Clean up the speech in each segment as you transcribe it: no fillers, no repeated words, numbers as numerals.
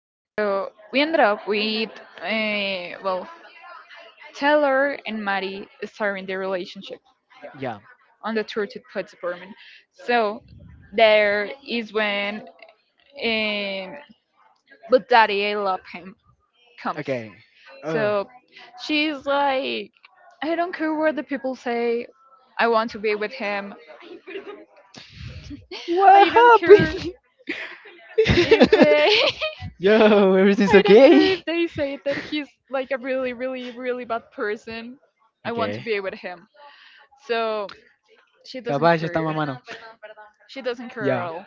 Okay, so we ended up with, uh, well, Taylor and Maddie starting their relationship Yeah. on the tour to Pets apartment. So there is when, um, but daddy, I love him, comes. Okay. Oh. So she's like, I don't care what the people say, I want to be with him. What I don't care happened? if they, Yo, everything's I don't okay. care if they say that he's like a really, really, really bad person. I want to Okay. be with him. So she doesn't Caballo está care. mamando. She doesn't care at Yeah. all.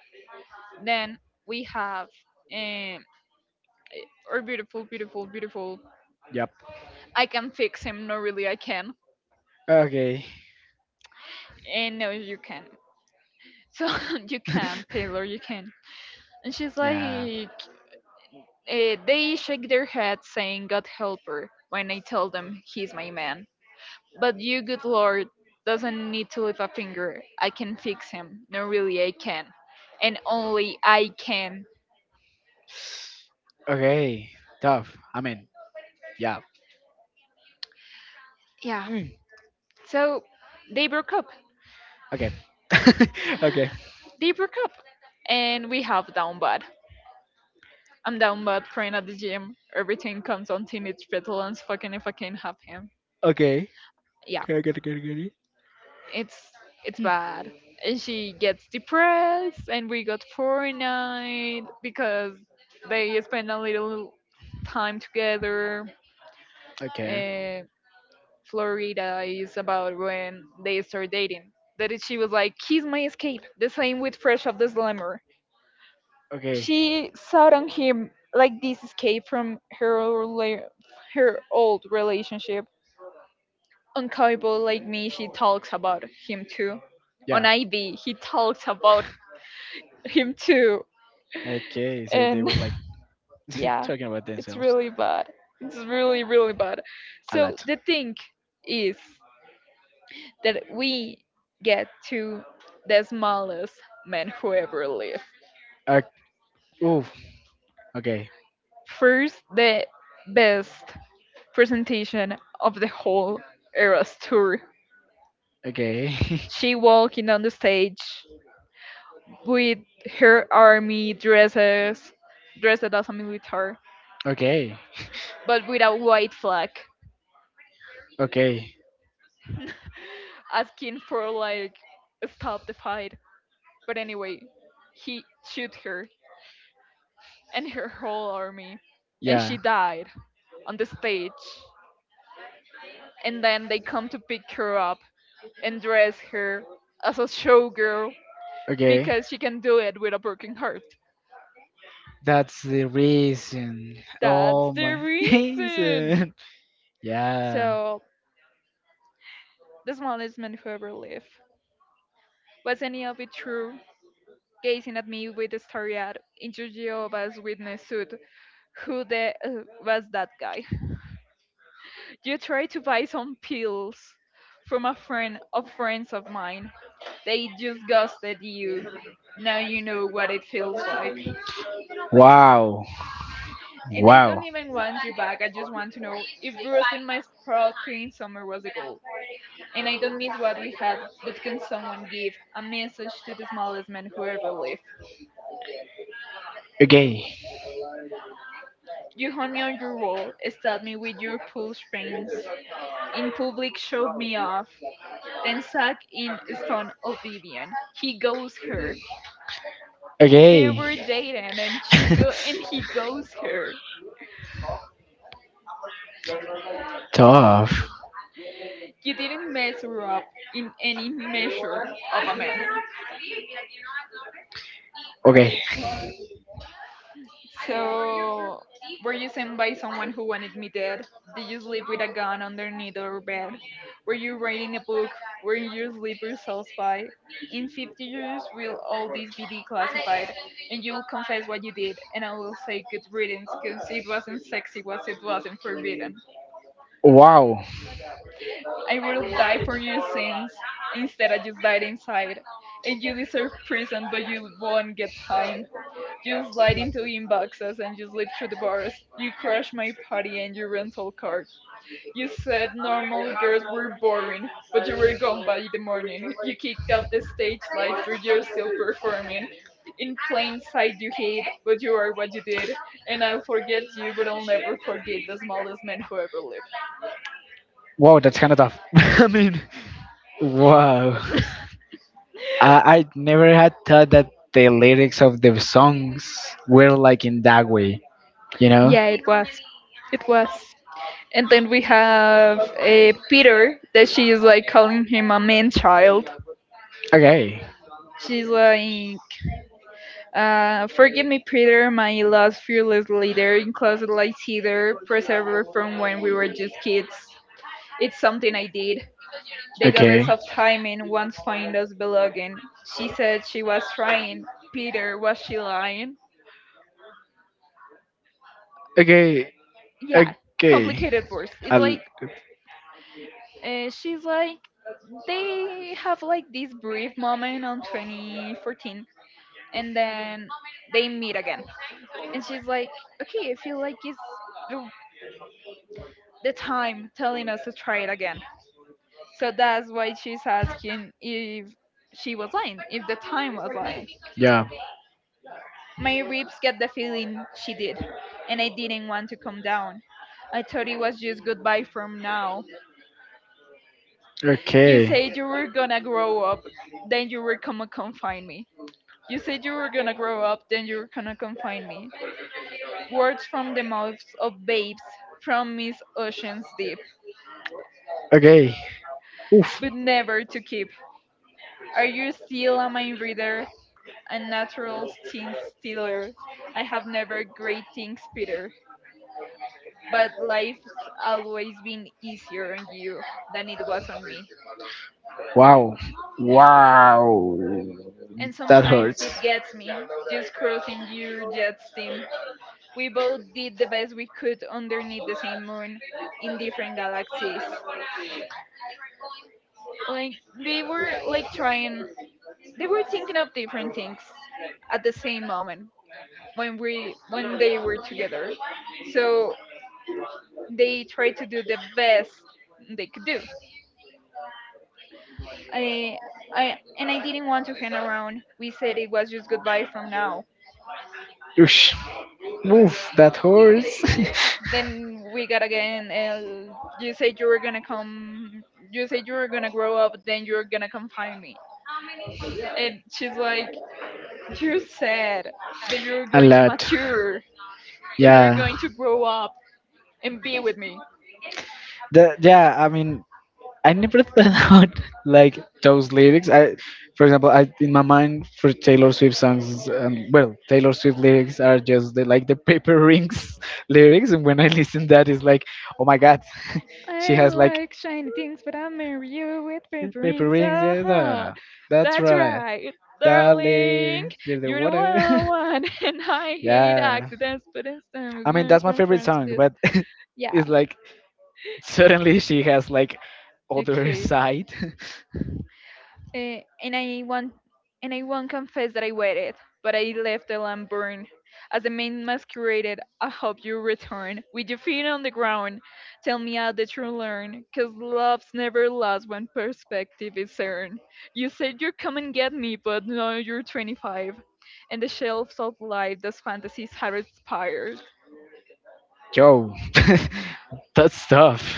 Then we have um, our beautiful, beautiful, beautiful. Yep. I can fix him. No, really, I can. Okay. And no, you can. So you can, Taylor, you can. And she's yeah. like, they shake their head, saying, "God help her." When I tell them he's my man, but you, good Lord, doesn't need to lift a finger. I can fix him. No, really, I can, and only I can. Okay. Tough. Yeah. Yeah. Mm. So they broke up. Okay. okay. Okay. They broke up, and we have down bad. I'm down bad, crying at the gym. Everything comes on teenage petulance. Fucking if I can't have him, Okay. yeah, Okay. Okay. Okay. it's it's bad. And she gets depressed, and we got poor night because they spend a little time together. Okay. And Florida is about when they start dating. That is, she was like, "Kiss my escape." The same with Fresh of the Slammer. Okay. She sought on him like this escape from her old relationship. On Cowboy Like Me, she talks about him too. On Yeah. Ivy, he talks about him too. Okay, so they And were like yeah, talking about it's themselves really bad. It's really, really bad. a So lot. the thing is that we get to the smallest man who ever lived. Uh, oof. Okay. First, the best presentation of the whole Eras tour. Okay. She walking on the stage with her army dresses, dressed as a military, okay. but with a white flag, Okay. asking for like stop the fight. But anyway, he shoot her and her whole army, and Yeah. she died on the stage. And then they come to pick her up and dress her as a showgirl Okay. because she can do it with a broken heart. That's the reason. That's Oh the my reason. reason. Yeah. So the smallest man who ever lived. Was any of it true? Gazing at me with a starry-eyed, into Jehovah's Witness suit. Who the was that guy? You tried to buy some pills from a friend of friends of mine. They just ghosted you. Now you know what it feels like. Wow. And I don't Wow. even want you back. I just want to know if roasting my sparkling summer was a goal. And I don't miss what we had, but can someone give a message to the smallest man who ever lived? Okay. You hung me on your wall, stabbed me with your pool springs, in public showed me off, then sat in stone oblivion. He goes her. They Okay. were dating and she go and he goes her. Tough. You didn't mess her up in any measure of a man. Okay. So, were you sent by someone who wanted me dead? Did you sleep with a gun underneath your bed? Were you writing a book? Were you sleep yourselves by? In 50 years, will all this be declassified? And you'll confess what you did, and I will say good riddance, because it wasn't sexy, was it wasn't forbidden. Wow. I would have died for your sins. Instead, I just died inside. And you deserve prison, but you won't get time. You slide into inboxes and you slip through the bars. You crash my party and your rental card. You said normal girls were boring, but you were gone by the morning. You kicked up the stage lights, but you're still performing. In plain sight, you hid, but you are what you did. And I'll forget you, but I'll never forget the smallest man who ever lived. Wow, that's kind of tough. Wow. I never had thought that the lyrics of the songs were like in that way, you know? Yeah, it was. It was. And then we have Peter, that she is like calling him a man child. Okay. She's like, forgive me, Peter, my lost fearless leader in closet light theater, preserver from when we were just kids. It's something I did. The Okay. goddess of timing once found us belonging. She said she was trying. Peter, was she lying? Okay. Yeah, Okay. complicated words. It's I'll, like, she's like, they have like this brief moment on 2014 and then they meet again. And she's like, okay, I feel like it's the the time telling us to try it again. So that's why she's asking if she was lying, if the time was lying. yeah. My ribs get the feeling she did, and I didn't want to come down. I thought it was just goodbye from now. You Okay. said you were gonna grow up, then you were gonna confine me. You said you were gonna grow up, then you were gonna confine me. Words from the mouths of babes from Miss Ocean's Deep, Okay. Oof. but never to keep. Are you still a mind reader? A natural scene stealer. I have never great things, Peter, but life's always been easier on you than it was on me. Wow. Wow. And That sometimes hurts. it gets me, just crossing your jet steam. We both did the best we could underneath the same moon in different galaxies. Like, they were like trying, they were thinking of different things at the same moment when they were together so they tried to do the best they could do. I, and I didn't want to hang around. We said it was just goodbye from now. Oosh. Oof, that hurts. Then we got again. And you said you were gonna come. You said you were gonna grow up. Then you're gonna come find me. And she's like, you said that you're a going to lot. mature, that you're Yeah. going to grow up and be with me. The, yeah, I never thought out like those lyrics. I, for example, I in my mind for Taylor Swift songs, well, Taylor Swift lyrics are just like the paper rings lyrics, and when I listen that, it's like, oh my god, she I has like like shiny things, but I marry you with paper paper rings. rings. Uh Yeah, yeah, huh. that's That's right, right, darling. darling, you're the You're the one water. I want, and I hate yeah, accidents, but instead we going that's my from favorite friends to song, this. but Yeah. it's like suddenly she has like other Okay. side. Uh, and I want and I won't confess that I waited, but I left the lamp burn, as the man masqueraded, I hope you return. With your feet on the ground, tell me how the you learn? 'Cause love's never lost when perspective is earned. You said you'd come and get me, but now you're 25. And the shelves of life those fantasies had expired. Yo, that's tough.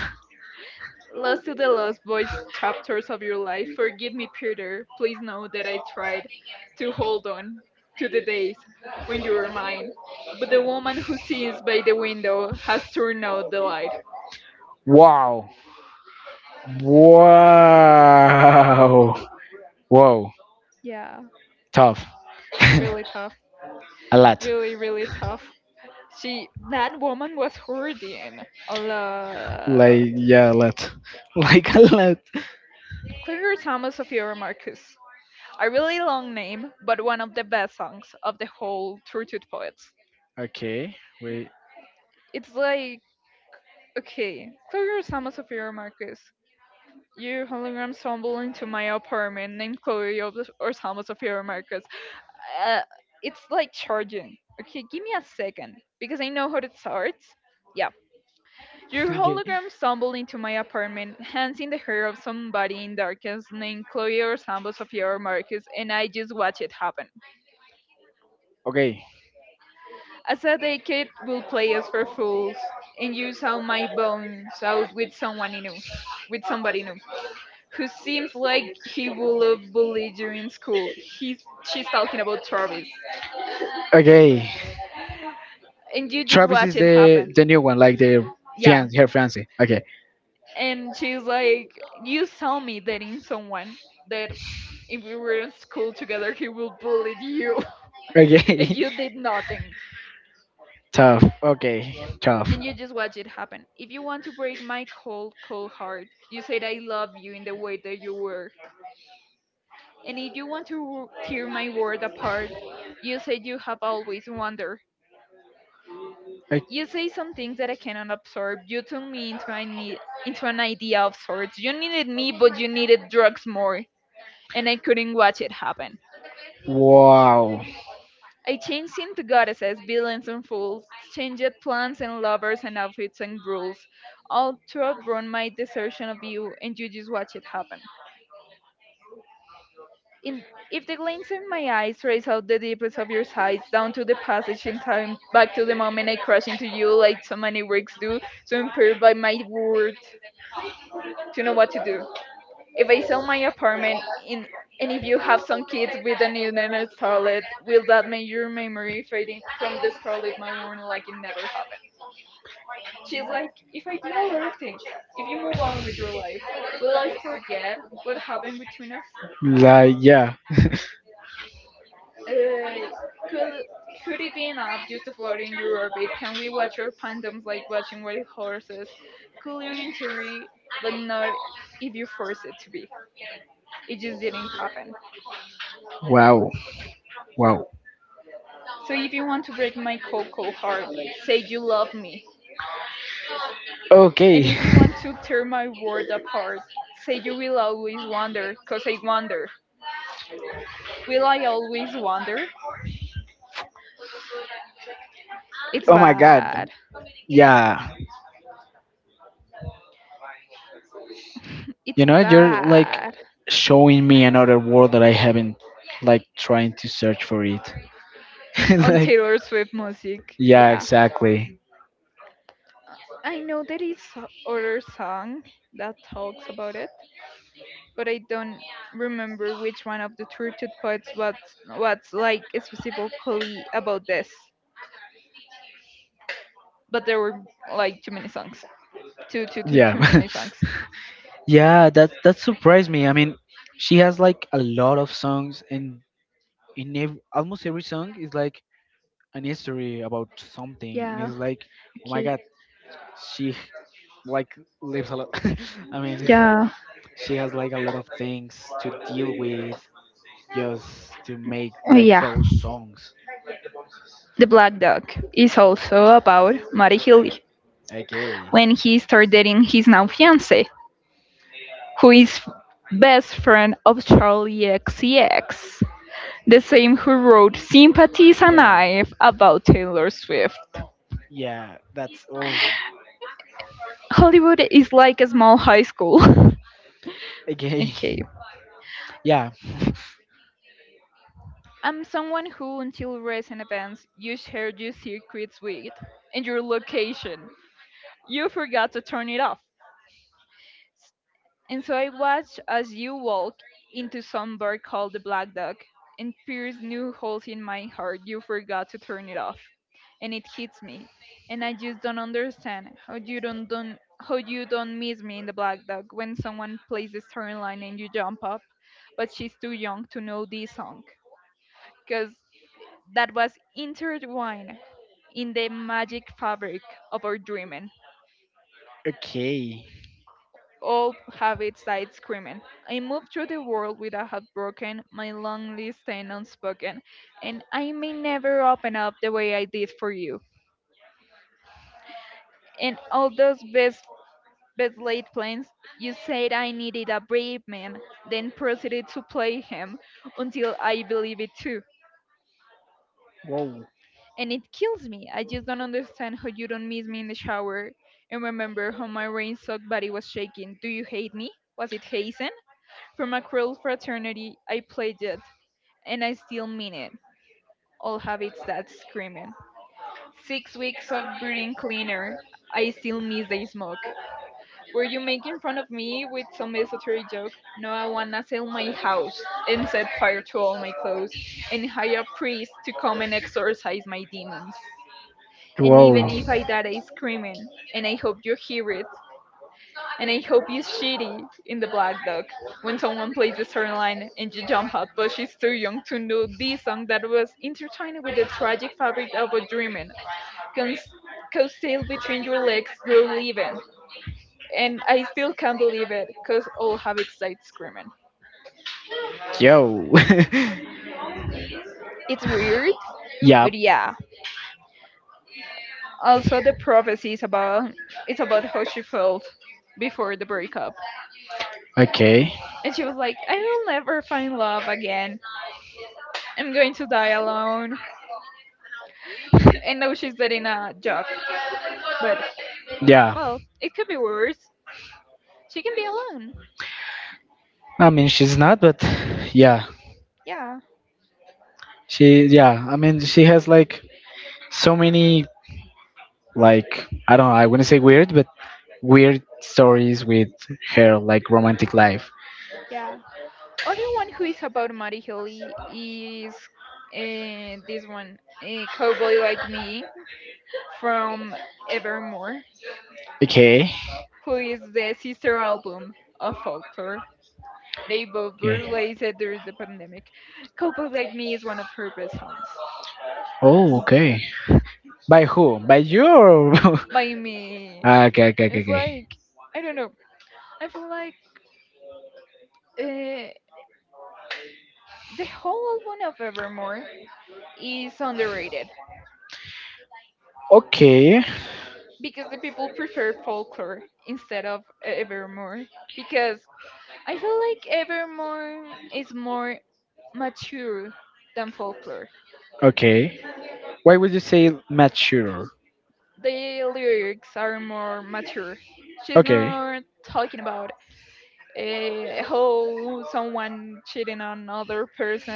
Lost to the Lost Boys chapters of your life, forgive me, Peter. Please know that I tried to hold on to the days when you were mine. But the woman who sits by the window has turned out the light. Wow. Wow. Whoa. Yeah, Tough. really tough. a lot. Really, really tough. She, that woman was hurting a lot. Like yeah, a lot. Like a lot. Claire Thomas of Marcus. A really long name, but one of the best songs of the whole Tortured Poets. Okay. Wait. It's like okay, Chloe your Osama Sofia Marcus. Your hologram stumbled into my apartment named Osama Sofia Marcus. Uh, it's like charging. Okay, give me a second because I know how it starts. Yeah. Your Okay. hologram stumbled into my apartment, hands in the hair of somebody in darkness named Chloe or Samba Sofia or Marcus, and I just watch it happen. Okay. As a decade will play us for fools and use all my bones out with someone new, with somebody new, who seems like he will have bullied you in school. He's she's talking about Travis, Okay. and you just Travis watch is it the happen. the new one, like the Yeah, fiance, her fiance. Okay. and she's like, you tell me that in someone that if we were in school together, he will bully you, and Okay. you did nothing, tough. Okay. Tough. and you just watch it happen. If you want to break my cold, cold heart, you said I love you in the way that you were, and if you want to tear my world apart, you said you have always wondered. Like, You say some things that I cannot absorb. You turned me into into an idea of sorts. You needed me, but you needed drugs more, and I couldn't watch it happen. wow. I changed into goddesses, villains, and fools, changed plans and lovers and outfits and rules, all to outrun my desertion of you, and you just watch it happen. In if the glance in my eyes trace out the deepest of your sighs, down to the passage in time, back to the moment I crash into you like so many works do, so impaired by my word to know what to do. If I sell my apartment in, and if you have some kids with an internet starlet, will that make your memory fading from the scarlet my room like it never happened? She's like, if I do a lot of things, if you move on with your life, will I forget what happened between us? Like yeah. Uh, could could it be an app just to float in your orbit? Can we watch our fandoms like watching white horses? Cooler in theory, but not if you force it to be. It just didn't happen. Wow. Wow. So if you want to break my cold, cold heart, say you love me. And Okay. if you want to tear my world apart, say you will always wander, 'cause I wander. Will I always wander? It's Oh my god. bad. Yeah. It's You know, you're like bad. showing me another world that I haven't like trying to search for it. On like Taylor Swift music, yeah, yeah. exactly. Uh, I know there is other song that talks about it, but I don't remember which one of the tortured poets was what's like specifically about this. But there were like too many songs. Too too too Yeah. too many songs. Yeah, that that surprised me. She has like a lot of songs, and in ev almost every song is like an history about something, and Yeah, it's like, oh my okay, God, she like lives a lot. I mean, yeah. she has like a lot of things to deal with just to make Oh like yeah, those songs. The Black Dog is also about Mary Healy Okay. when he started dating his now fiance, who is best friend of Charlie XCX, the same who wrote Sympathies and Yeah, Knife about Taylor Swift. yeah, that's oh Hollywood is like a small high school. okay. okay. Yeah. I'm someone who, until recent events, you shared your secrets with and your location. You forgot to turn it off. And so I watched as you walked into some bar called the Black Dog and pierced new holes in my heart. You forgot to turn it off. And it hits me. And I just don't understand how you don't miss me in the Black Dog when someone plays the storyline and you jump up. But she's too young to know this song. Cause that was intertwined in the magic fabric of our dreaming. Okay. All have its side screaming. I move through the world with a heartbroken, my long list and unspoken, and I may never open up the way I did for you. In all those best laid plans, you said I needed a brave man, then proceeded to play him until I believe it too. Wow. And it kills me. I just don't understand how you don't miss me in the shower and remember how my rain soaked body was shaking. Do you hate me? Was it hazing? From a cruel fraternity I pledged, and I still mean it. All habits that screaming. 6 weeks of breathing cleaner. I still miss the smoke. Were you making fun of me with some esoteric joke? No, I wanna sell my house and set fire to all my clothes and hire a priest to come and exorcise my demons. And even Whoa. if I die I screaming, and I hope you hear it, and I hope it's shitty in the Black Dog when someone plays a certain line and you jump up, but she's too young to know this song that was intertwined with the tragic fabric of a dreaming, cons- coattail between your legs, you're leaving. And I still can't believe it, cause all have its side screaming. Yo. It's weird, but yeah. yeah. Also, the prophecy is about it's about how she felt before the breakup, Okay. and she was like, "I will never find love again. I'm going to die alone." And now she's dating a jock. But, Yeah. well, it could be worse. She can be alone. She's not, but yeah. Yeah, She, yeah. She has like so many, like, I don't know, I wouldn't say weird, but weird stories with her, like, romantic life. yeah. Other one who is about Mary Hilly is this one, a cowboy like me from Evermore, Okay. who is the sister album of Folklore. They both were Okay. released during the pandemic. Cowboy Like Me is one of her best songs. Oh, okay. By who? By you? Or... By me, Ah, okay, okay, okay, it's okay. like I don't know. I feel like uh, the whole album of Evermore is underrated Okay, because the people prefer folklore instead of Evermore. Because I feel like Evermore is more mature than folklore. okay. Why would you say mature? The lyrics are more mature. She's Okay. not talking about how someone cheating on another person,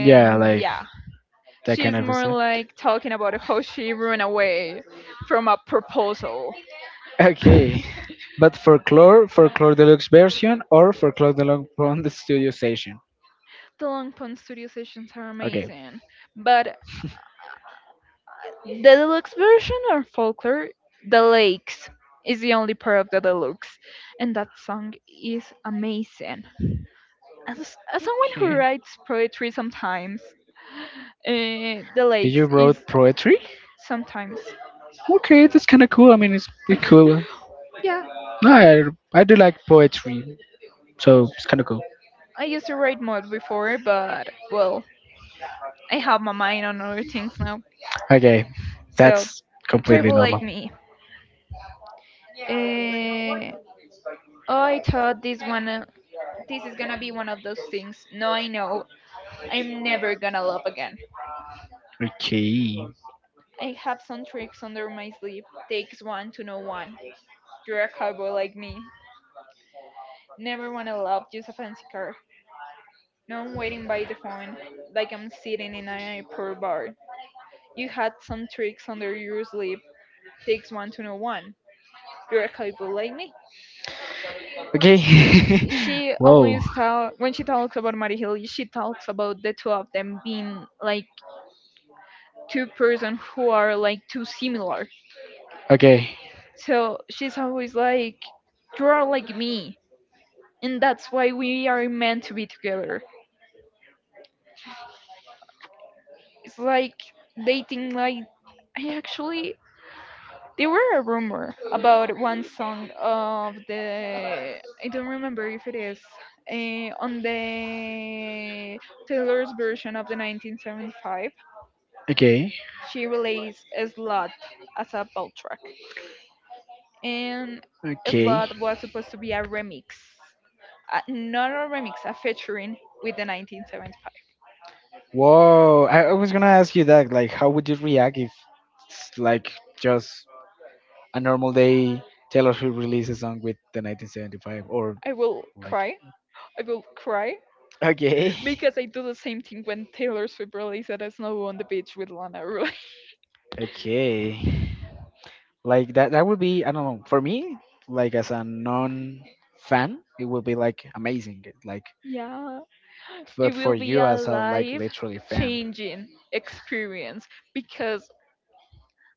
Yeah, like yeah, that kind she's of more stuff. like talking about how she ran away from a proposal. Okay. But for Folklore, Folklore Deluxe version or for Folklore Deluxe from the studio session? The Long Pond studio sessions are Okay. amazing, but the deluxe version of Folklore, The Lakes, is the only part of the deluxe, and that song is amazing. As someone who Okay. writes poetry sometimes, The Did Lakes you wrote is poetry? sometimes. Okay, that's kind of cool. It's pretty cool. yeah, No, I do like poetry, so it's kind of cool. I used to write mod before, but well, I have my mind on other things now. Okay, So, that's completely Caribou Like normal. Me. Uh, oh, I thought this one this is gonna be one of those things. No, I know. I'm never gonna love again. Okay, I have some tricks under my sleeve. Takes one to know one. You're a cowboy like me. Never wanna love, just a fancy car. No, I'm waiting by the phone, like I'm sitting in an airport bar. You had some tricks under your sleeve. Takes one to know one. You're a cowboy like me. okay. She Whoa. always talk when she talks about Mary Hill, she talks about the two of them being like two persons who are like too similar. Okay, So she's always like, you are like me. And that's why we are meant to be together. It's like dating, like, I actually. There were a rumor about one song of the. I don't remember if it is. On the Taylor's version of the 1975, okay, she released a slot as a ball track. And okay. slot was supposed to be a remix, a, not a remix, a featuring with the 1975. Whoa, I was gonna ask you that. Like, how would you react if it's like just a normal day, Taylor Swift released a song with the 1975 or I will like cry. I will cry okay, because I do the same thing when Taylor Swift released that Snow on the Beach with Lana Rhoades. okay, like that. That would be I don't know for me. Like as a non fan, it would be like amazing. Like, yeah, it but for will be you a as a like life literally fan, changing experience because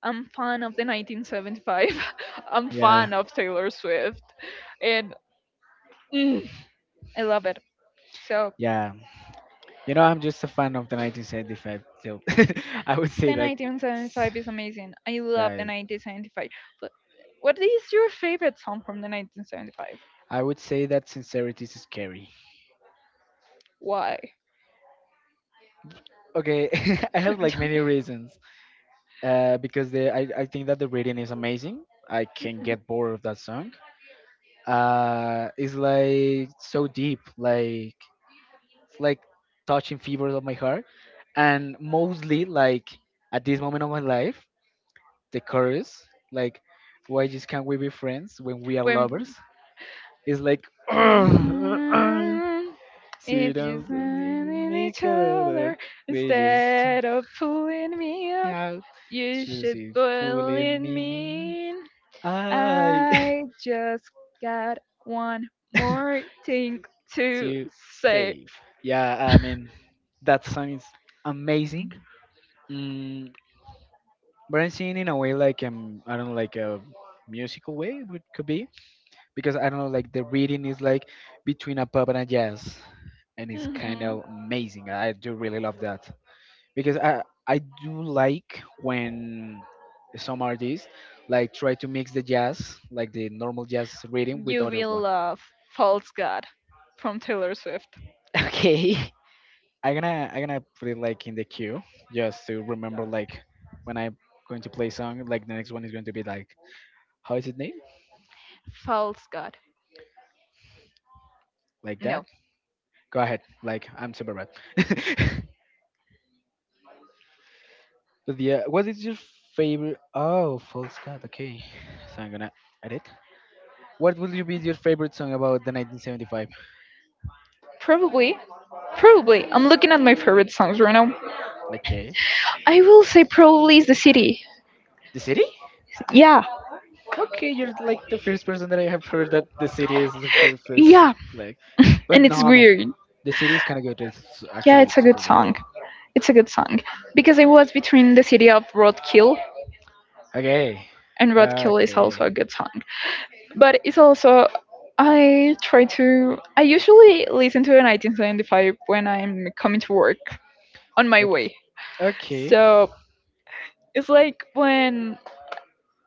I'm fan of the 1975. I'm yeah, fan of Taylor Swift, and mm, I love it. So yeah. You know, I'm just a fan of the 1975, so I would say the that. 1975 is amazing. I love Yeah, the 1975. But what is your favorite song from the 1975? I would say that sincerity is scary. Why? Okay, I have like many reasons. Because I think that the reading is amazing. I can get bored of that song. It's like so deep, like it's like touching fibers of my heart, and mostly like at this moment of my life, the chorus, like why just can't we be friends when we are when lovers? It's like and see if you don't stand in make each a other we just instead of pulling me out, yeah, you should she's pull pulling in me. me. In. I I just got one more thing to to say. save. Yeah, that song is amazing. Mm, but I'm singing in a way like I don't know, like a musical way would could be because I don't know, like the reading is like between a pop and a jazz, and it's kind Mhm. of amazing. I do really love that. Because I do like when some artists like try to mix the jazz, like the normal jazz rhythm, with You other will one. love False God from Taylor Swift. Okay. I'm gonna put it like in the queue just to remember like when I'm going to play song. Like the next one is going to be like how is it named? False God. Like that. No. Go ahead. Like I'm super bad. but yeah, what is your favorite? Oh, false god. Okay, so I'm gonna edit. What would you be your favorite song about the 1975? Probably. Probably. I'm looking at my favorite songs right now. Okay. I will say probably is the city. The city? Yeah. Okay, you're like the first person that I have heard that the city is the first Yeah. like. And But no, it's weird. the city is kind of good. It's Yeah, actually it's a good super good. song. It's a good song. Because I was between the city of Roadkill Okay. and Roadkill is also a Okay. good song. But it's also I try to I usually listen to the 1975 when I'm coming to work on my Okay. way. Okay. So it's like when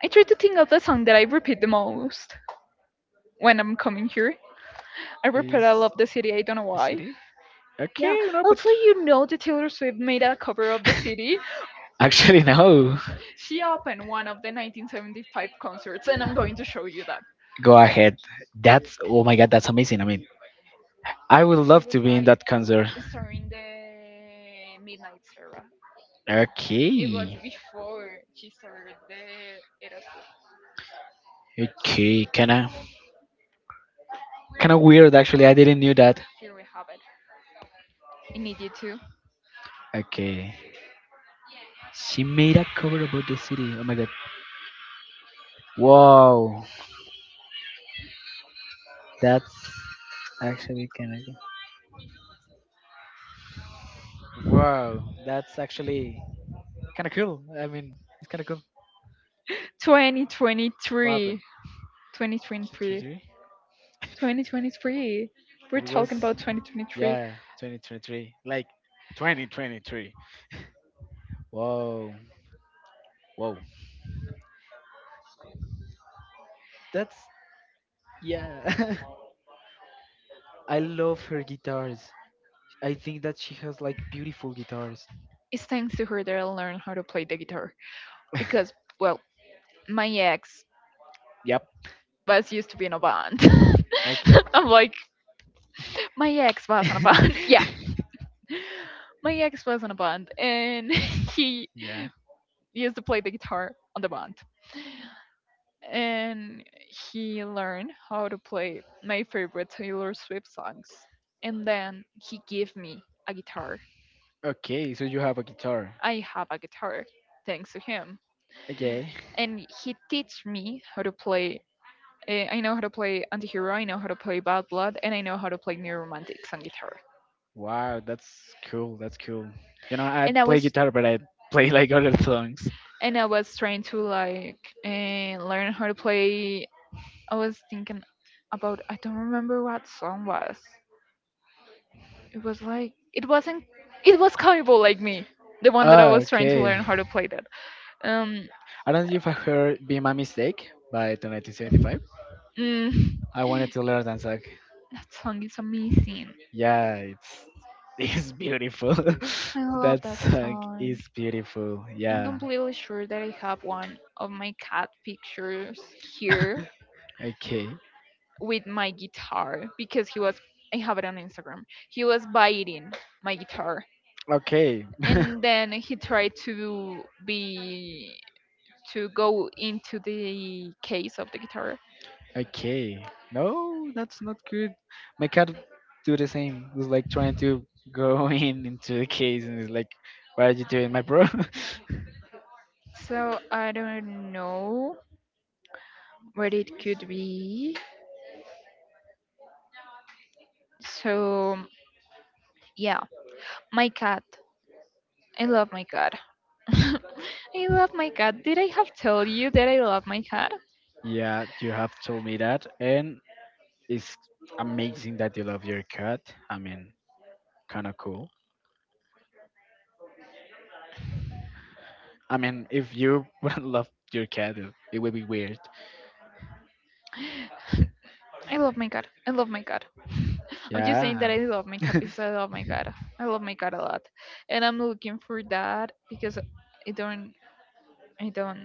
I try to think of the song that I repeat the most when I'm coming here. I repeat Is I love the city, I don't know the why. city? Okay, Yeah. no, but Also you know that Taylor Swift made a cover of the city. actually no. She opened one of the 1975 concerts and I'm going to show you that. Go ahead. That's oh my god, that's amazing. I would She love was to be in like that concert. starring the Midnight Era. It Okay. was before she started the Eras Tour. Okay, kinda weird actually. I didn't knew that. Here we have it. I need you to Okay. She made a cover about the city. Oh my god. Wow. That's actually kinda cool. Wow, that's actually kinda cool. It's kinda cool. What happened? 2023. 2023. 2023? 2023. We're It was talking about 2023. yeah, 2023. Like 2023. Whoa. Whoa. That's yeah. I love her guitars. I think that she has like beautiful guitars. It's thanks to her that I learned how to play the guitar. Because, well, my ex Yep. was used to be in a band. I can I'm like, my ex was in a band. yeah. My ex was in a band and he yeah. used to play the guitar on the band, and he learned how to play my favorite Taylor Swift songs. And then he gave me a guitar. Okay, so you have a guitar. I have a guitar thanks to him. Okay. And he teach me how to play. I know how to play Antihero, I know how to play Bad Blood, and I know how to play New Romantics on guitar. Wow, that's cool. That's cool. You know, I And I play was guitar, but I play like other songs. and I was trying to like learn how to play. I was thinking about I don't remember what song was it was like it wasn't. It was Cowboy like me, the one that I Ah, was trying to okay. learn how to play that. Um, I don't know if I heard Be My Mistake by the 1975. mm, I wanted to learn that song. that song is amazing. Yeah, it's it's beautiful. I love that that song is song. beautiful. I'm Yeah. completely sure that I have one of my cat pictures here Okay. with my guitar because he was. I have it on Instagram. He was biting my guitar, Okay. and then he tried to be to go into the case of the guitar. Okay. No, that's not good. My cat do the same. Was like trying to go in into the case and is like, "Why are you doing, my bro?" So I don't know where it could be. So, yeah, my cat. I love my cat. I love my cat. Did I have told you that I love my cat? yeah, you have told me that, and it's amazing that you love your cat. I mean, kind of cool. If you wouldn't love your cat, it would be weird. I love my cat. I love my cat. I'm just saying Yeah. that I love my cat because I love my cat. I love my cat a lot. And I'm looking for that because I don't I don't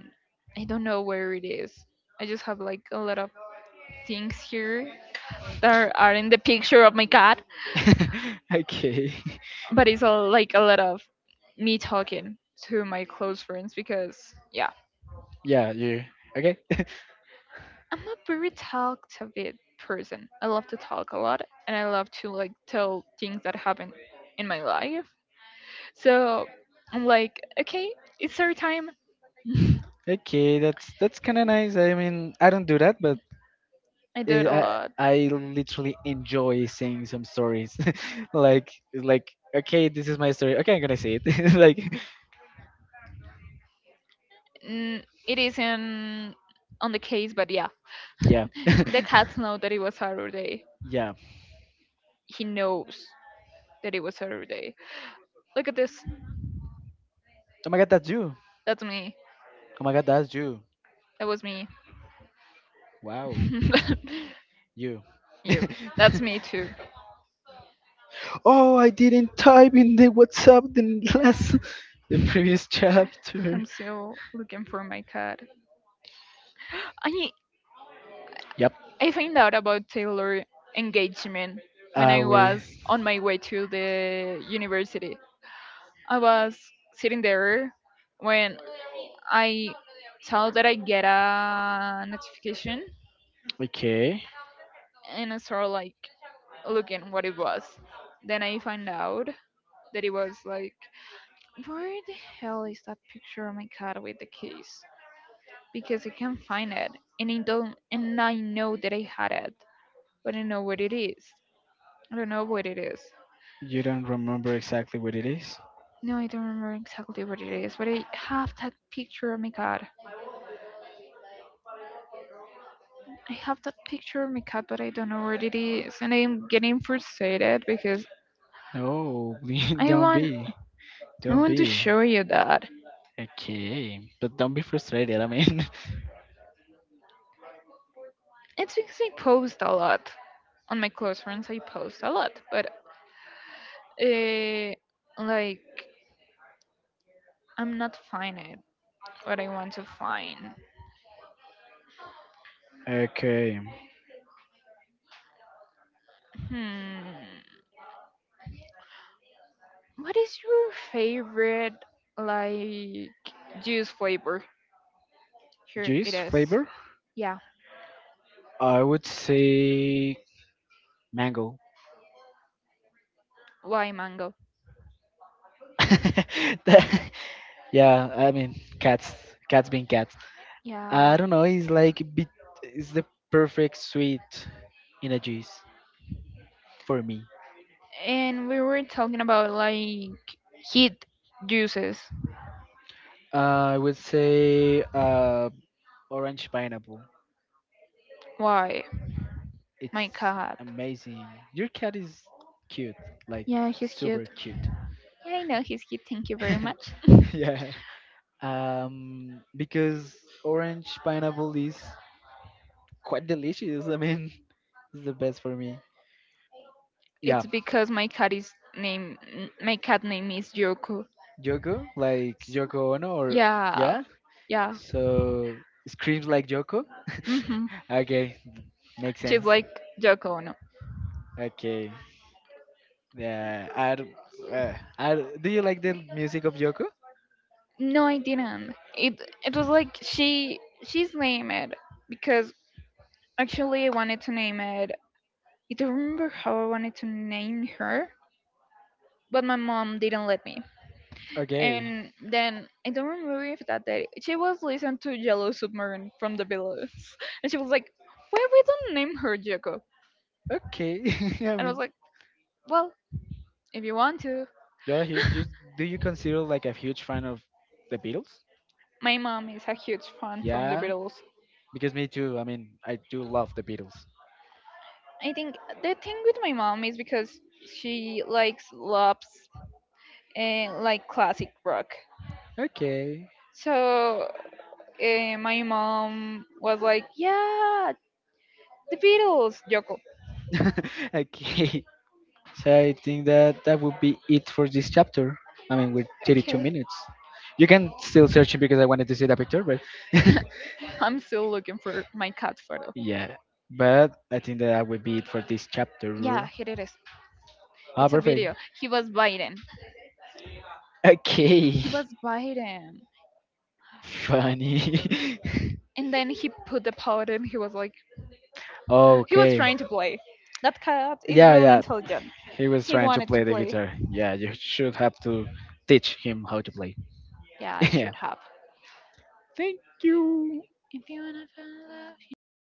I don't know where it is. I just have like a lot of things here that are in the picture of my cat. okay. But it's a, like a lot of me talking to my close friends because yeah, Yeah, you. Okay. I'm a very talkative person, I love to talk a lot and I love to like tell things that happen in my life, so I'm like okay, it's our time. Okay, that's kind of nice. I don't do that, but I do it it, a I lot. I literally enjoy seeing some stories. like like okay, this is my story. Okay, I'm gonna say it. like Mm, it isn't on the case but yeah, yeah, the cats know that it was Saturday. yeah. He knows that it was Saturday. Look at this. Oh my god, that's you. That's me. Oh my god, that's you. That was me. Wow, you. You. That's me too. oh, I didn't type in the WhatsApp the last, the previous chapter. I'm still looking for my cat. I Yep. I found out about Taylor engagement when Ah, I wait. was on my way to the university. I was sitting there when I saw that I get a notification Okay. and I started like looking what it was. Then I find out that it was like where the hell is that picture of my cat with the keys? Because I can't find it, and I don't, and I know that I had it, but I don't know what it is. I don't know what it is. You don't remember exactly what it is? No, I don't remember exactly what it is, but I have that picture of my cat. I have that picture of my cat, but I don't know where it is, and I'm getting frustrated because No, we- I don't want, be. I Don't want to be. show you that. Okay. But don't be frustrated, I mean. It's because I post a lot on my close friends. I post a lot, but uh, like I'm not finding what I want to find. Okay. Hmm. What is your favorite like juice flavor? Here it Juice is. flavor? Yeah, I would say mango. lime mango. that- Yeah, cats, cats being cats. I Yeah. don't know. It's like bit. It's the perfect sweet in a juice for me. And we were talking about like heat juices. I would say orange pineapple. Why? It's My cat. amazing. Your cat is cute, like Yeah, he's super cute. cute. Yeah, I know he's cute. Thank you very much. yeah. Because orange pineapple is quite delicious. It's the best for me. Yeah, It's because my cat is my cat name is Yoko. Yoko, like Yoko Ono, or Yeah. yeah, Yeah. so screams like Joko. Mhm. okay, makes She's sense. like Yoko Ono. Okay. Yeah. Uh, do you like the music of Joko? No, I didn't. It was like she's named because actually I wanted to name it. I don't remember how I wanted to name her, but my mom didn't let me. Okay. And then I don't remember if that day she was listening to Yellow Submarine from the Beatles, and she was like, "Why we don't name her Yoko?" Okay. I And I was mean, like, "Well, if you want to." you're a huge. You, do you consider like a huge fan of the Beatles? My mom is a huge fan from the Yeah. Beatles. Because me too. I do love the Beatles. I think the thing with my mom is because she likes loves and like classic rock. Okay. So my mom was like, "Yeah, the Beatles." Yoko. okay. So I think that that would be it for this chapter. With 32 Okay. minutes. You can still search it because I wanted to see the picture, but I'm still looking for my cat photo. yeah. But I think that that would be it for this Yeah, chapter. here it is. Ah, It's a perfect. video. He was biting. Okay. He was biting, Funny. and then he put the paw at he was like, he was okay. trying to play. That cat is yeah, Yeah, really yeah. intelligent. He was He trying to wanted to play the play. guitar. Yeah, you should have to teach him how to play. Yeah, I yeah. should have. Thank you. If you wanna fall in love, you know where